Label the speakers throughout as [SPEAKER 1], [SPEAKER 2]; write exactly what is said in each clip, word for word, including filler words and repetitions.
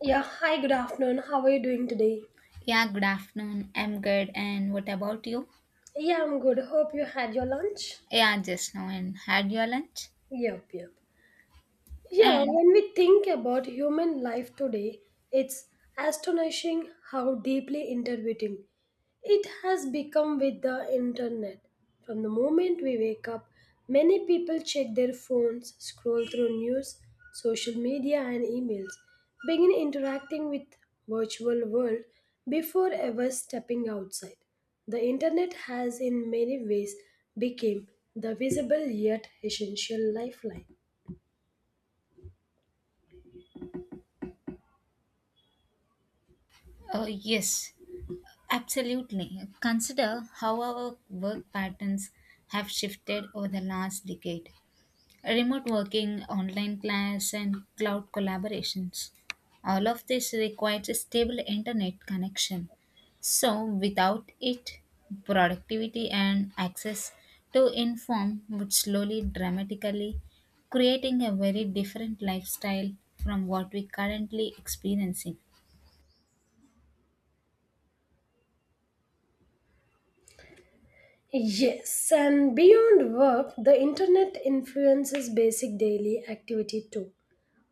[SPEAKER 1] Yeah, hi, good afternoon. How are you doing today?
[SPEAKER 2] Yeah, good afternoon. I'm good. And what about you?
[SPEAKER 1] Yeah, I'm good. Hope you had your lunch.
[SPEAKER 2] Yeah, just now. And had your lunch?
[SPEAKER 1] Yep, yep. Yeah,
[SPEAKER 2] And
[SPEAKER 1] when we think about human life today, it's astonishing how deeply intertwined it has become with the internet. From the moment we wake up, many people check their phones, scroll through news, social media, and emails, begin interacting with virtual world before ever stepping outside. The internet has in many ways become the visible yet essential lifeline.
[SPEAKER 2] uh, yes, absolutely. Consider how our work patterns have shifted over the last decade. Remote working, online class, and cloud collaborations. All of this requires a stable internet connection. So, without it, productivity and access to inform would slowly dramatically creating a very different lifestyle from what we currently experiencing.
[SPEAKER 1] Yes, and beyond work, the internet influences basic daily activity too.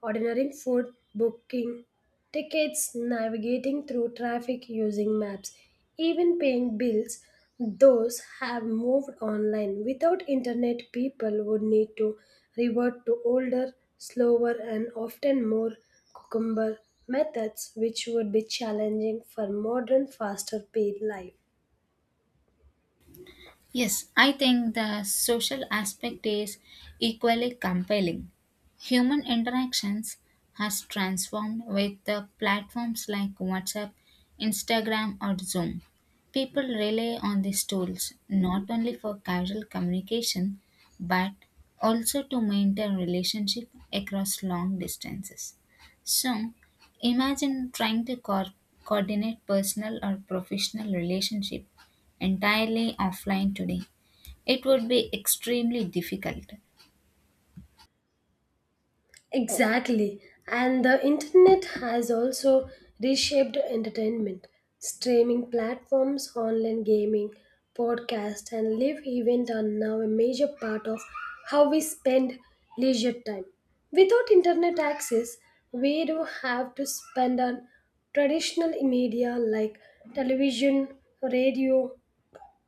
[SPEAKER 1] Ordering food, booking tickets, navigating through traffic using maps, even paying bills, those have moved online. Without internet, people would need to revert to older, slower, and often more cucumber methods, which would be challenging for modern, faster paid life.
[SPEAKER 2] Yes, I think the social aspect is equally compelling. Human interactions has transformed with the platforms like WhatsApp, Instagram or Zoom. People rely on these tools not only for casual communication but also to maintain relationship across long distances. So, imagine trying to co- coordinate personal or professional relationship entirely offline today, it would be extremely difficult.
[SPEAKER 1] Exactly. And the internet has also reshaped entertainment. Streaming platforms, online gaming, podcasts, and live events are now a major part of how we spend leisure time. Without internet access, we do have to spend on traditional media like television, radio,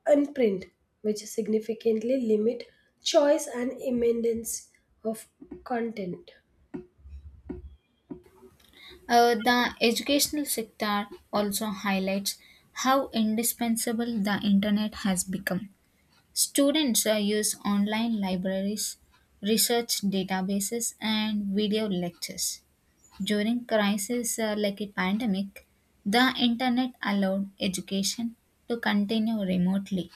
[SPEAKER 1] and print, which significantly limit choice and abundance of content.
[SPEAKER 2] Uh, the educational sector also highlights how indispensable the internet has become. Students uh, use online libraries, research databases, and video lectures. During crises uh, like a pandemic, the internet allowed education to continue remotely.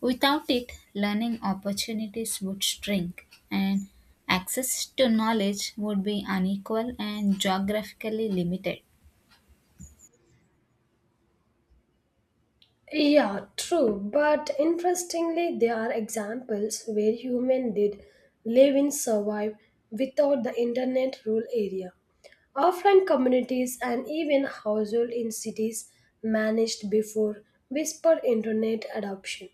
[SPEAKER 2] Without it, learning opportunities would shrink and access to knowledge would be unequal and geographically limited.
[SPEAKER 1] Yeah, true, but interestingly, there are examples where humans did live and survive without the internet rural area. Offline communities and even households in cities managed before whispered internet adoption.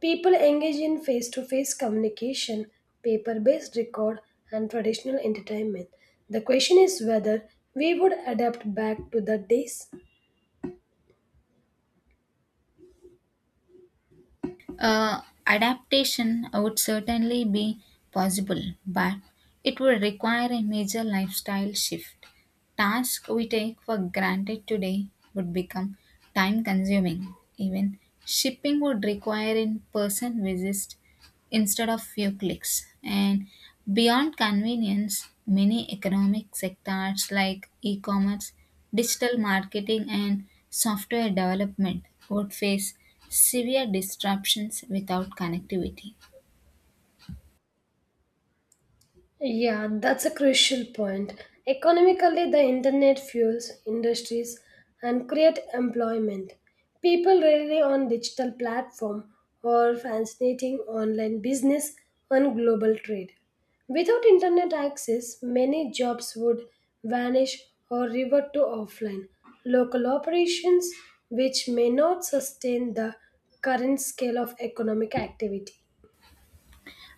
[SPEAKER 1] People engage in face to face communication, paper based record, and traditional entertainment. The question is whether we would adapt back to the days.
[SPEAKER 2] Uh, adaptation would certainly be possible, but it would require a major lifestyle shift. Tasks we take for granted today would become time consuming. Even shipping would require in person visits instead of few clicks. And beyond convenience, many economic sectors like e commerce, digital marketing, and software development would face severe disruptions without connectivity.
[SPEAKER 1] Yeah, that's a crucial point. Economically, the internet fuels industries and create employment. People rely on digital platform or fascinating online business and global trade. Without internet access, many jobs would vanish or revert to offline local operations, which may not sustain the current scale of economic activity.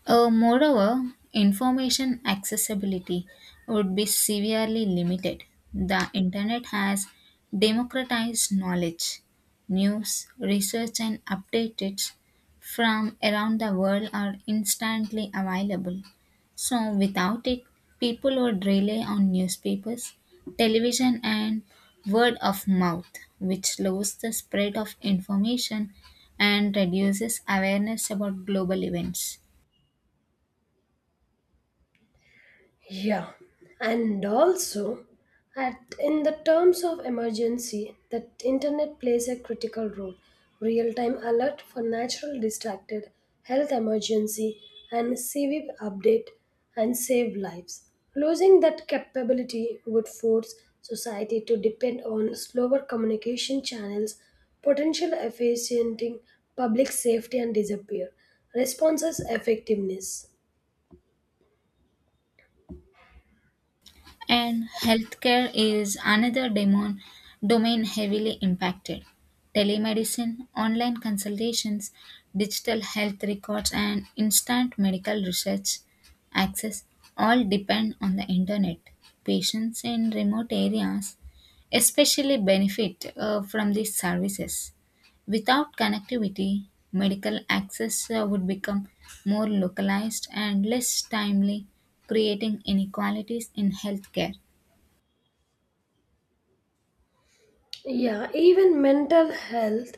[SPEAKER 2] Uh, moreover, information accessibility would be severely limited. The internet has democratized knowledge. News, research, and updates from around the world are instantly available. So, without it, people would rely on newspapers, television, and word of mouth, which slows the spread of information and reduces awareness about global events.
[SPEAKER 1] Yeah, and also at in the terms of emergency, the internet plays a critical role. Real-time alert for natural distracted, health emergency, and C V update and save lives. Losing that capability would force society to depend on slower communication channels, potential efficienting public safety and disappear responses effectiveness.
[SPEAKER 2] And healthcare is another demon, domain heavily impacted. Telemedicine, online consultations, digital health records, and instant medical research access all depend on the internet. Patients in remote areas especially benefit uh, from these services. Without connectivity, medical access uh, would become more localized and less timely, creating inequalities in healthcare.
[SPEAKER 1] Yeah, even mental health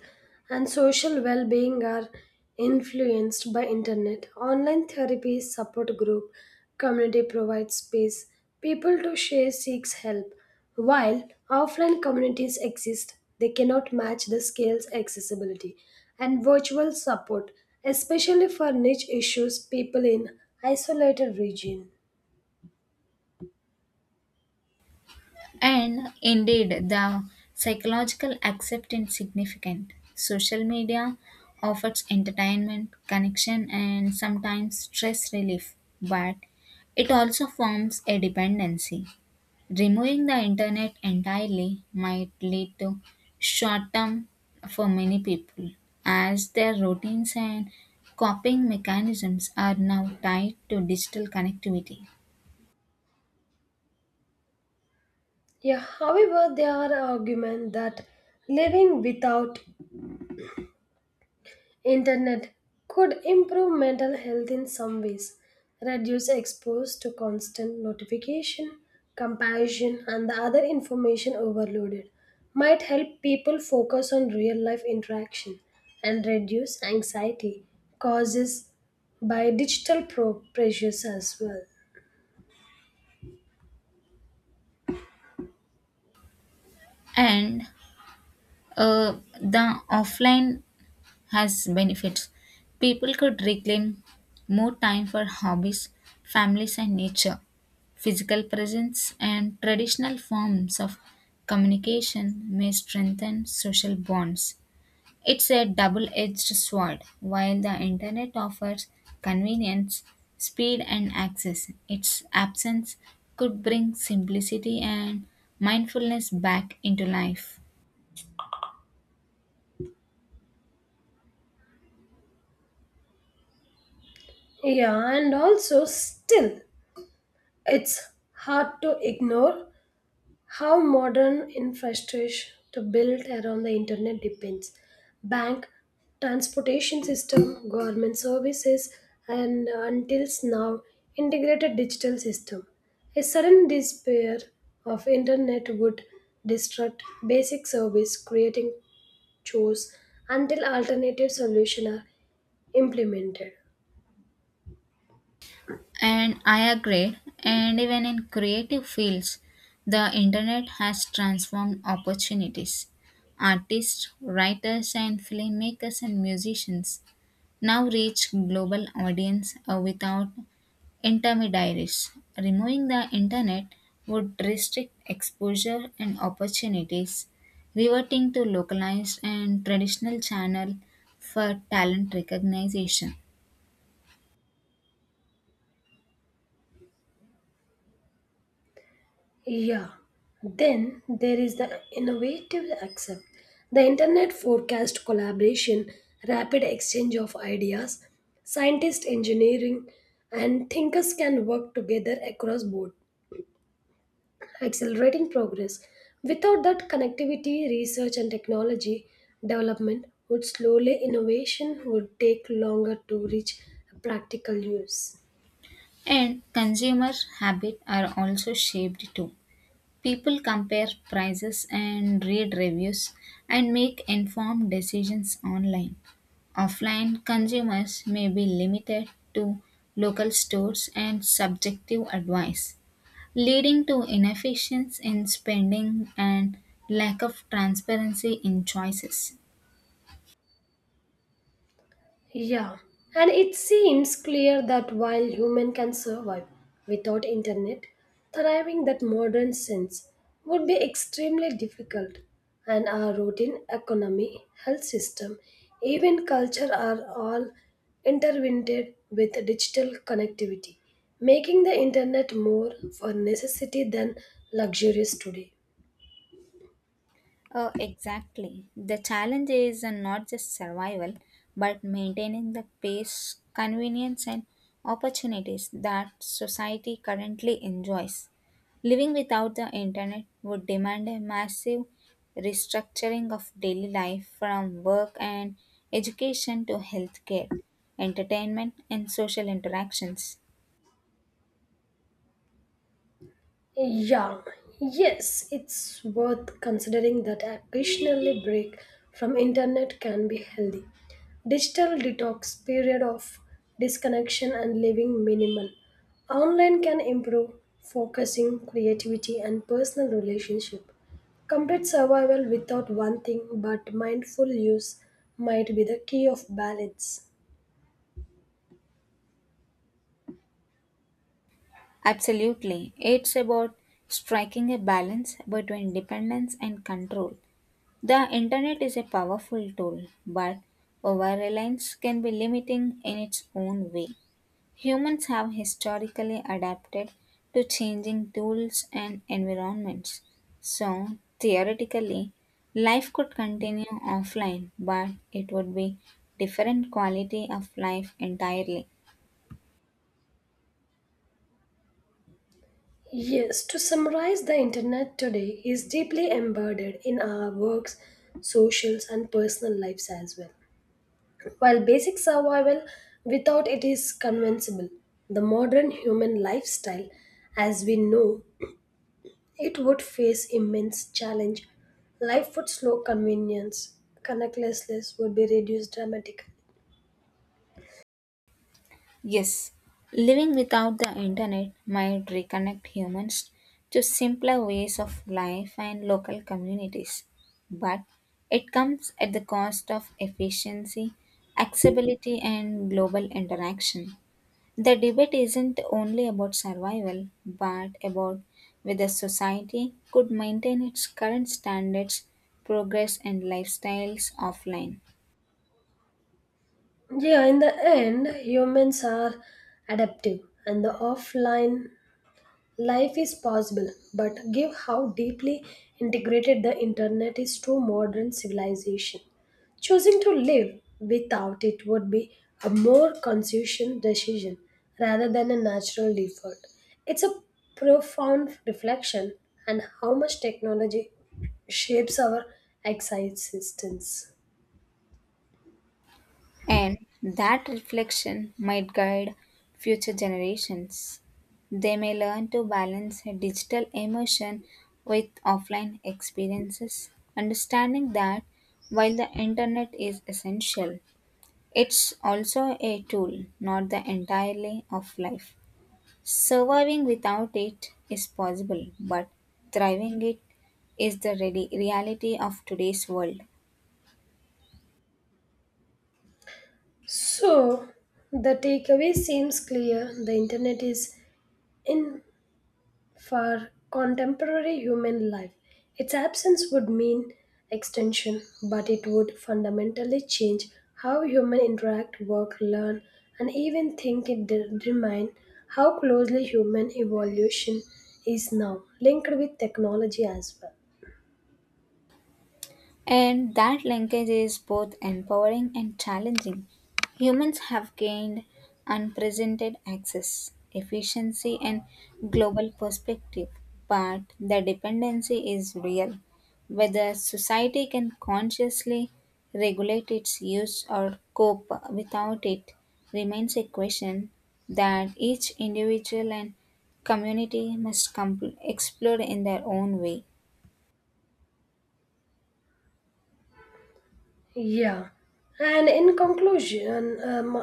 [SPEAKER 1] and social well-being are influenced by internet. Online therapy, support group, community provides space people to share seeks help. While offline communities exist, they cannot match the scale's accessibility and virtual support, especially for niche issues people in isolated region.
[SPEAKER 2] And indeed, the psychological acceptance significant. Social media offers entertainment, connection, and sometimes stress relief, but it also forms a dependency. Removing the internet entirely might lead to short term for many people, as their routines and coping mechanisms are now tied to digital connectivity.
[SPEAKER 1] Yeah, however, there are arguments that living without internet could improve mental health in some ways, reduce exposure to constant notification, comparison, and the other information overloaded, might help people focus on real life interaction and reduce anxiety causes by digital pro- pressures as well.
[SPEAKER 2] And uh, the offline has benefits. People could reclaim more time for hobbies, families, and nature. Physical presence and traditional forms of communication may strengthen social bonds. It's a double-edged sword. While the internet offers convenience, speed, and access, its absence could bring simplicity and mindfulness back into life.
[SPEAKER 1] Yeah, and also still, it's hard to ignore how modern infrastructure built around the internet depends. Bank, transportation system, government services, and uh, until now, integrated digital system. A sudden despair of internet would disrupt basic service, creating chores until alternative solutions are implemented.
[SPEAKER 2] And I agree, and even in creative fields, the internet has transformed opportunities. Artists, writers, and filmmakers and musicians now reach global audience uh, without intermediaries. Removing the internet would restrict exposure and opportunities, reverting to localized and traditional channel for talent recognition.
[SPEAKER 1] Yeah. Then there is the innovative accept. The internet forecast collaboration, rapid exchange of ideas, scientists, engineering and thinkers can work together across board, accelerating progress. Without that connectivity, research and technology development would slowly innovation would take longer to reach practical use.
[SPEAKER 2] And consumer habits are also shaped too. People compare prices and read reviews and make informed decisions online. Offline consumers may be limited to local stores and subjective advice leading to inefficiency in spending and lack of transparency in choices.
[SPEAKER 1] Yeah, and it seems clear that while human can survive without internet, thriving that modern sense would be extremely difficult, and our routine economy, health system, even culture are all intertwined with digital connectivity, making the internet more for necessity than luxurious today.
[SPEAKER 2] Oh, exactly. The challenge is uh, not just survival, but maintaining the pace, convenience, and opportunities that society currently enjoys. Living without the internet would demand a massive restructuring of daily life from work and education to healthcare, entertainment, and social interactions.
[SPEAKER 1] Yeah, yes, it's worth considering that occasionally break from internet can be healthy. Digital detox period of disconnection and living minimal. Online can improve focusing, creativity and personal relationship. Complete survival without one thing but mindful use might be the key of balance.
[SPEAKER 2] Absolutely. It's about striking a balance between dependence and control. The internet is a powerful tool, but over reliance can be limiting in its own way. Humans have historically adapted to changing tools and environments. So, theoretically, life could continue offline, but it would be different quality of life entirely.
[SPEAKER 1] Yes, to summarize, the internet today is deeply embedded in our works, socials, and personal lives as well. While basic survival without it is convincible, the modern human lifestyle, as we know, it would face immense challenge. Life would slow convenience, connectlessness would be reduced dramatically.
[SPEAKER 2] Yes, living without the internet might reconnect humans to simpler ways of life and local communities, but it comes at the cost of efficiency, accessibility, and global interaction. The debate isn't only about survival, but about whether society could maintain its current standards, progress, and lifestyles offline.
[SPEAKER 1] Yeah, in the end, humans are adaptive, and the offline life is possible, but give how deeply integrated the internet is to modern civilization. Choosing to live without it would be a more conscious decision rather than a natural default. It's a profound reflection on how much technology shapes our existence.
[SPEAKER 2] And that reflection might guide future generations. They may learn to balance digital emotion with offline experiences, understanding that while the internet is essential, it's also a tool, not the entirely of life. Surviving without it is possible, but thriving it is the ready reality of today's world.
[SPEAKER 1] So, the takeaway seems clear. The internet is in for contemporary human life, its absence would mean extension, but it would fundamentally change how humans interact, work, learn, and even think. It determines how closely human evolution is now linked with technology as well.
[SPEAKER 2] And that linkage is both empowering and challenging. Humans have gained unprecedented access, efficiency, and global perspective, but the dependency is real. Whether society can consciously regulate its use or cope without it remains a question that each individual and community must com- explore in their own way.
[SPEAKER 1] Yeah, and in conclusion, um,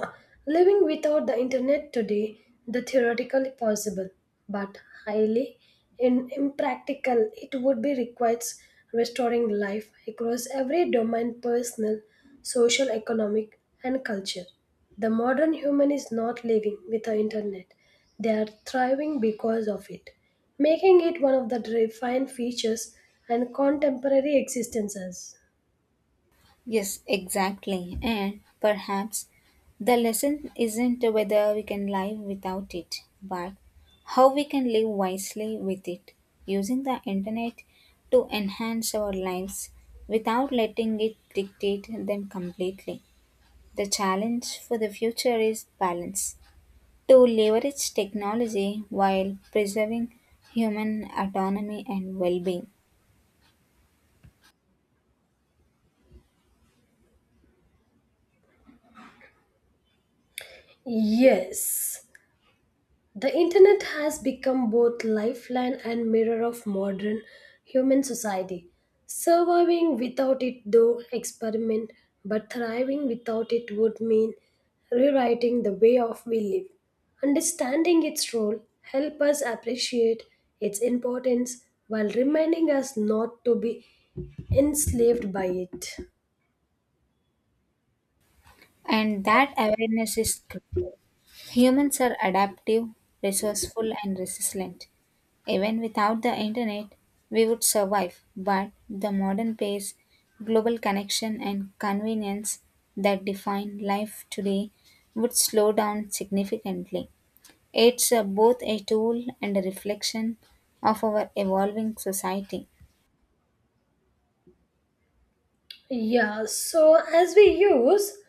[SPEAKER 1] living without the internet today, the theoretically possible, but highly in, impractical, it would be requires restoring life across every domain personal, social, economic, and culture. The modern human is not living with the internet. They are thriving because of it, making it one of the defining features and contemporary existences.
[SPEAKER 2] Yes, exactly. And perhaps the lesson isn't whether we can live without it, but how we can live wisely with it, using the internet to enhance our lives without letting it dictate them completely. The challenge for the future is balance to leverage technology while preserving human autonomy and well being.
[SPEAKER 1] Yes, the internet has become both lifeline and mirror of modern human society. Surviving without it, though, experiment, but thriving without it would mean rewriting the way of we live. Understanding its role help us appreciate its importance while reminding us not to be enslaved by it.
[SPEAKER 2] And that awareness is critical. Humans are adaptive, resourceful, and resilient. Even without the internet, we would survive, but the modern pace, global connection, and convenience that define life today would slow down significantly. It's uh, both a tool and a reflection of our evolving society.
[SPEAKER 1] Yeah, so as we use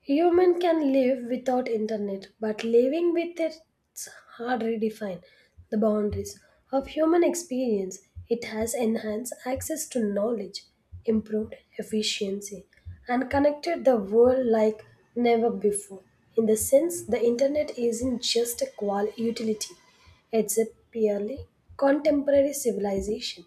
[SPEAKER 1] human can live without internet, but living with it's hard redefine the boundaries of human experience. It has enhanced access to knowledge, improved efficiency, and connected the world like never before. In the sense, the internet isn't just a qual utility; it's a purely contemporary civilization.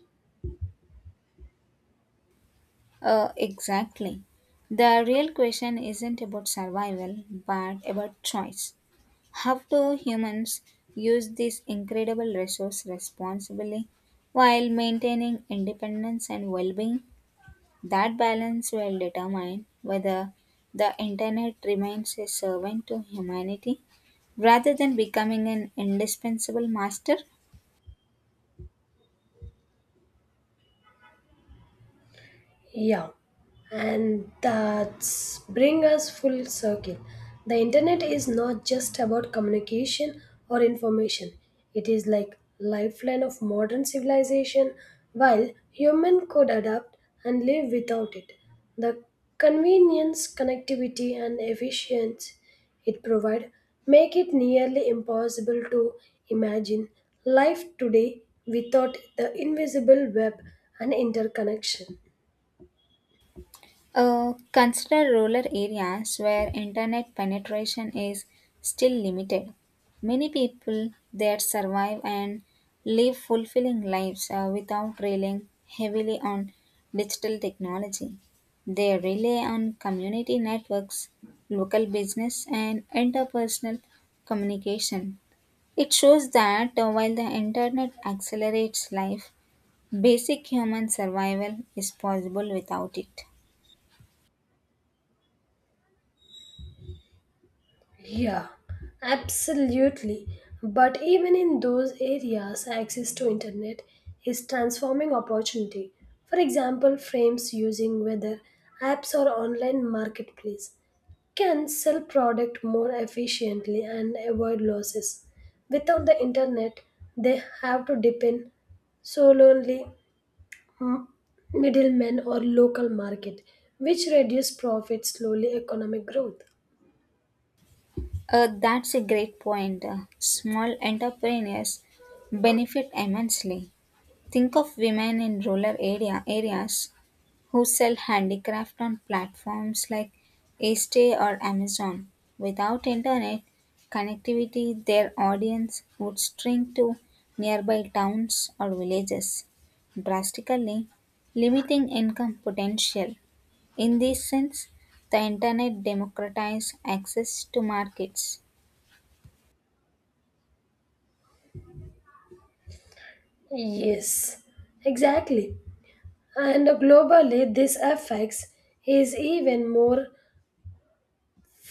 [SPEAKER 2] Uh, exactly. The real question isn't about survival, but about choice. How do humans use this incredible resource responsibly while maintaining independence and well being? That balance will determine whether the internet remains a servant to humanity rather than becoming an indispensable master.
[SPEAKER 1] Yeah, and that's bring us full circle. The internet is not just about communication or information. It is like lifeline of modern civilization. While human could adapt and live without it, the convenience, connectivity, and efficiency it provide make it nearly impossible to imagine life today without the invisible web and interconnection.
[SPEAKER 2] Uh, consider rural areas where internet penetration is still limited. Many people there survive and live fulfilling lives uh, without relying heavily on digital technology. They rely on community networks, local business, and interpersonal communication. It shows that uh, while the internet accelerates life, basic human survival is possible without it.
[SPEAKER 1] Yeah, absolutely. But even in those areas, access to internet is transforming opportunity. For example, frames using weather apps or online marketplace can sell product more efficiently and avoid losses. Without the internet, they have to depend solely on middlemen or local market, which reduce profit slowly economic growth.
[SPEAKER 2] Uh, that's a great point. Uh, Small entrepreneurs benefit immensely. Think of women in rural area areas who sell handicraft on platforms like Estee or Amazon. Without internet connectivity, their audience would shrink to nearby towns or villages, drastically limiting income potential. In this sense, the internet democratized access to markets.
[SPEAKER 1] Yes, exactly. And globally, this affects is even more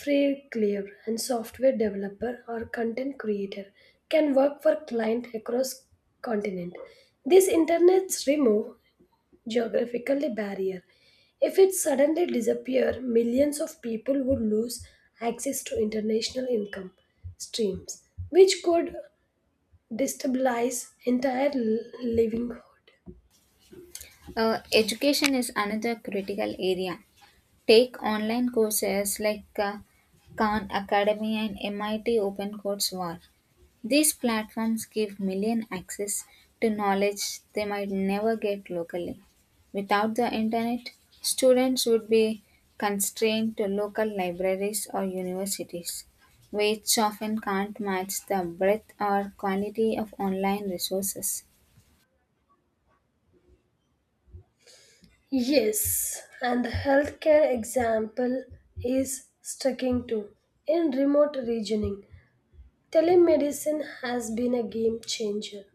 [SPEAKER 1] frequently, and software developer or content creator can work for client across continent. This internet's remove geographically barrier. If it suddenly disappear, millions of people would lose access to international income streams, which could destabilize entire livelihood.
[SPEAKER 2] Uh, education is another critical area. Take online courses like uh, Khan Academy and M I T OpenCourseWare. These platforms give million access to knowledge they might never get locally. Without the internet, students would be constrained to local libraries or universities, which often can't match the breadth or quality of online resources.
[SPEAKER 1] Yes, and the healthcare example is sticking too. In remote regioning, telemedicine has been a game changer.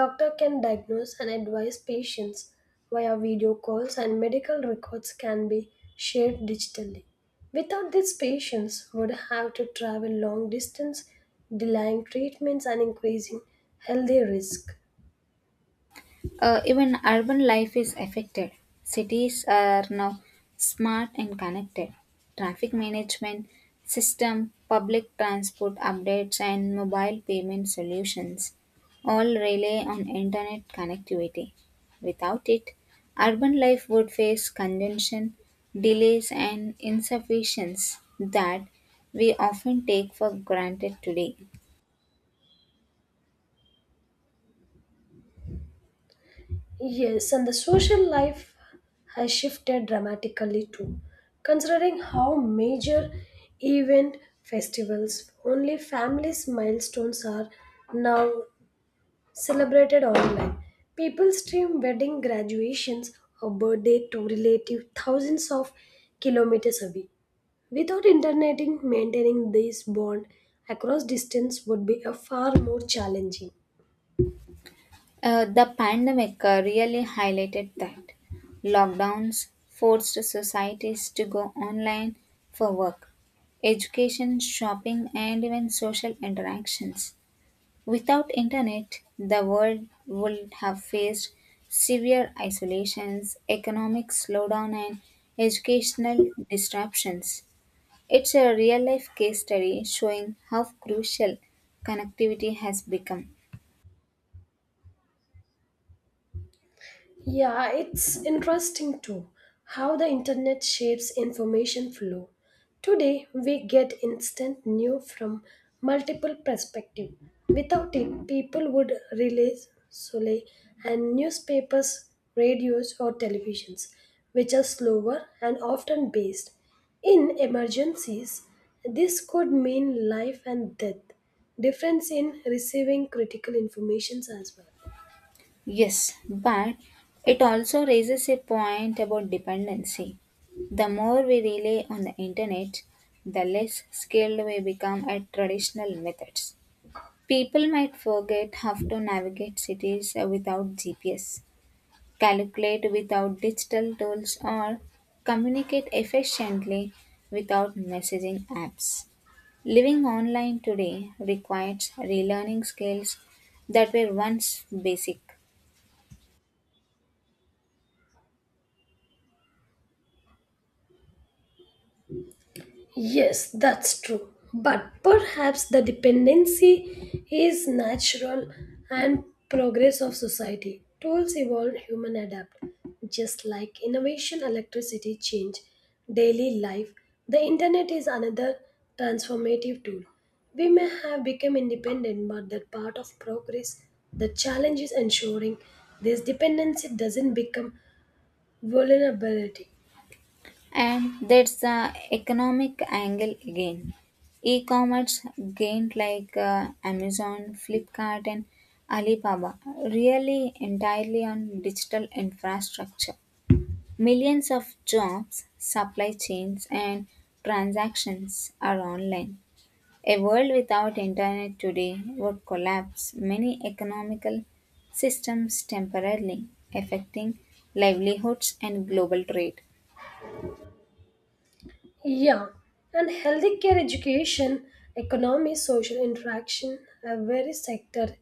[SPEAKER 1] Doctor can diagnose and advise patients via video calls and medical records can be shared digitally. Without this, patients would have to travel long distance, delaying treatments and increasing healthy risk.
[SPEAKER 2] Uh, even urban life is affected. Cities are now smart and connected. Traffic management system, public transport updates, and mobile payment solutions all rely on internet connectivity. Without it, urban life would face congestion, delays, and insufficiencies that we often take for granted today.
[SPEAKER 1] Yes, and the social life has shifted dramatically too. Considering how major event festivals, only families' milestones are now celebrated online. People stream wedding graduations or birthday to relative thousands of kilometers away. Without interneting, maintaining this bond across distance would be a far more challenging.
[SPEAKER 2] Uh, the pandemic uh, really highlighted that. Lockdowns forced societies to go online for work, education, shopping, and even social interactions. Without internet, the world would have faced severe isolations, economic slowdown, and educational disruptions. It's a real life case study showing how crucial connectivity has become.
[SPEAKER 1] Yeah, it's interesting too how the internet shapes information flow. Today, we get instant news from multiple perspectives. Without it, people would rely solely on newspapers, radios, or televisions, which are slower and often based. In emergencies, this could mean life and death. Difference in receiving critical informations as well.
[SPEAKER 2] Yes, but it also raises a point about dependency. The more we rely on the internet, the less skilled we become at traditional methods. People might forget how to navigate cities without G P S, calculate without digital tools, or communicate efficiently without messaging apps. Living online today requires relearning skills that were once basic.
[SPEAKER 1] Yes, that's true. But perhaps the dependency is natural and progress of society. Tools evolve, human adapt. Just like innovation, electricity change, daily life. The internet is another transformative tool. We may have become independent, but that part of progress. The challenge is ensuring this dependency doesn't become vulnerability.
[SPEAKER 2] And that's the economic angle again. E-commerce gained like uh, Amazon, Flipkart, and Alibaba really entirely on digital infrastructure. Millions of jobs, supply chains, and transactions are online. A world without internet today would collapse many economical systems temporarily, affecting livelihoods and global trade.
[SPEAKER 1] Yeah, and healthy care education, economy, social interaction a very sector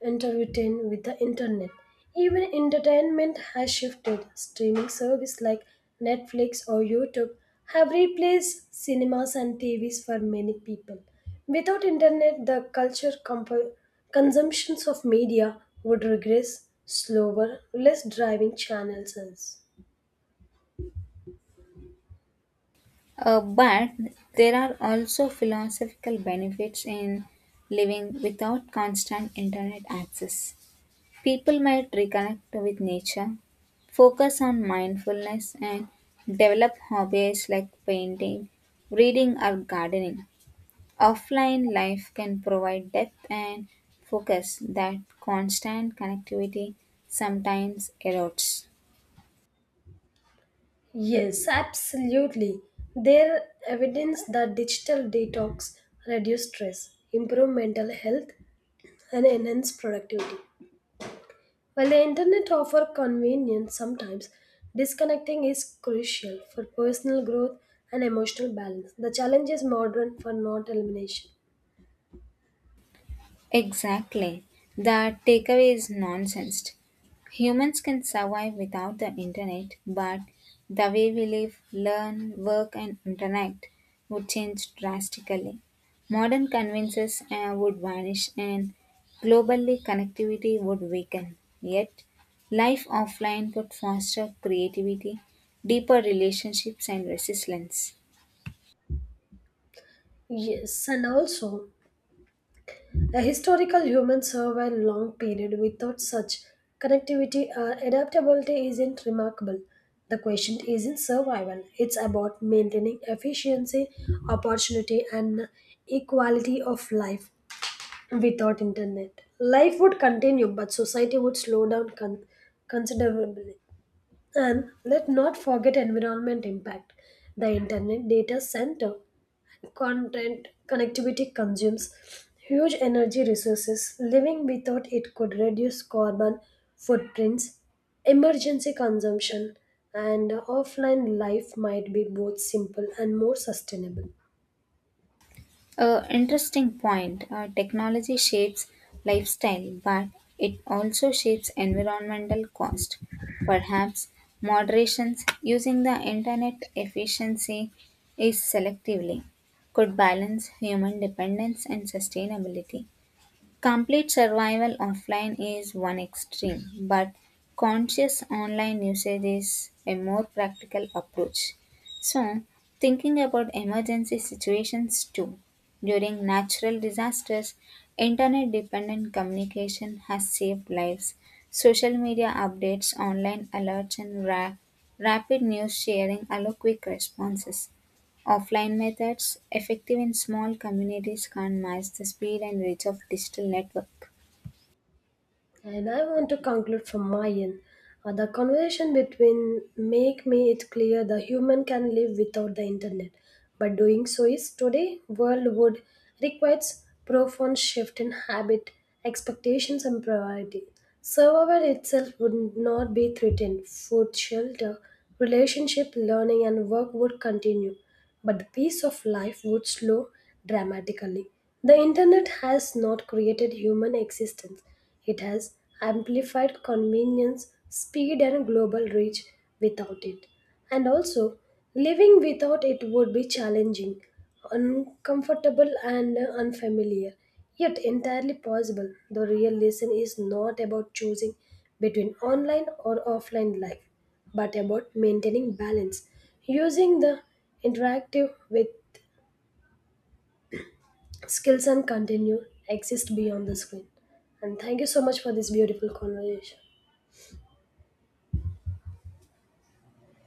[SPEAKER 1] intertwined with the internet. Even entertainment has shifted. Streaming service like Netflix or YouTube have replaced cinemas and T Vs for many people. Without internet, the culture comp- consumptions of media would regress slower, less driving channels.
[SPEAKER 2] Uh, but there are also philosophical benefits in living without constant internet access. People might reconnect with nature, focus on mindfulness, and develop hobbies like painting, reading, or gardening. Offline life can provide depth and focus that constant connectivity sometimes erodes.
[SPEAKER 1] Yes, absolutely. There evidence that digital detox reduce stress, improve mental health, and enhance productivity. While the internet offer convenience sometimes, disconnecting is crucial for personal growth and emotional balance. The challenge is modern for not elimination.
[SPEAKER 2] Exactly. The takeaway is nonsense. Humans can survive without the internet, but the way we live, learn, work, and interact would change drastically. Modern conveniences uh, would vanish, and globally connectivity would weaken. Yet, life offline would foster creativity, deeper relationships, and resilience.
[SPEAKER 1] Yes, and also a historical human survive a long period without such connectivity or adaptability isn't remarkable. The question isn't survival, it's about maintaining efficiency, opportunity, and equality of life without internet. Life would continue, but society would slow down con- considerably. And let not forget environment impact. The internet data center content connectivity consumes huge energy resources. Living without it could reduce carbon footprints, emergency consumption, and offline life might be both simple and more sustainable.
[SPEAKER 2] A interesting point. Uh, technology shapes lifestyle, but it also shapes environmental cost. Perhaps moderations using the internet efficiency is selectively could balance human dependence and sustainability. Complete survival offline is one extreme, but conscious online usage is a more practical approach. So, thinking about emergency situations too. During natural disasters, internet dependent communication has saved lives. Social media updates, online alerts, and ra- rapid news sharing allow quick responses. Offline methods, effective in small communities, can't match the speed and reach of digital networks.
[SPEAKER 1] And I want to conclude from my end. Uh, the conversation between make me it clear the human can live without the internet, but doing so is today world would requires profound shift in habit, expectations, and priority. Survival itself would not be threatened. Food, shelter, relationship, learning, and work would continue, but the pace of life would slow dramatically. The internet has not created human existence. It has amplified convenience, speed, and global reach without it. And also, living without it would be challenging, uncomfortable, and unfamiliar, yet entirely possible. The real lesson is not about choosing between online or offline life, but about maintaining balance, using the interactive with skills and continue exist beyond the screen. And thank you so much for this beautiful conversation.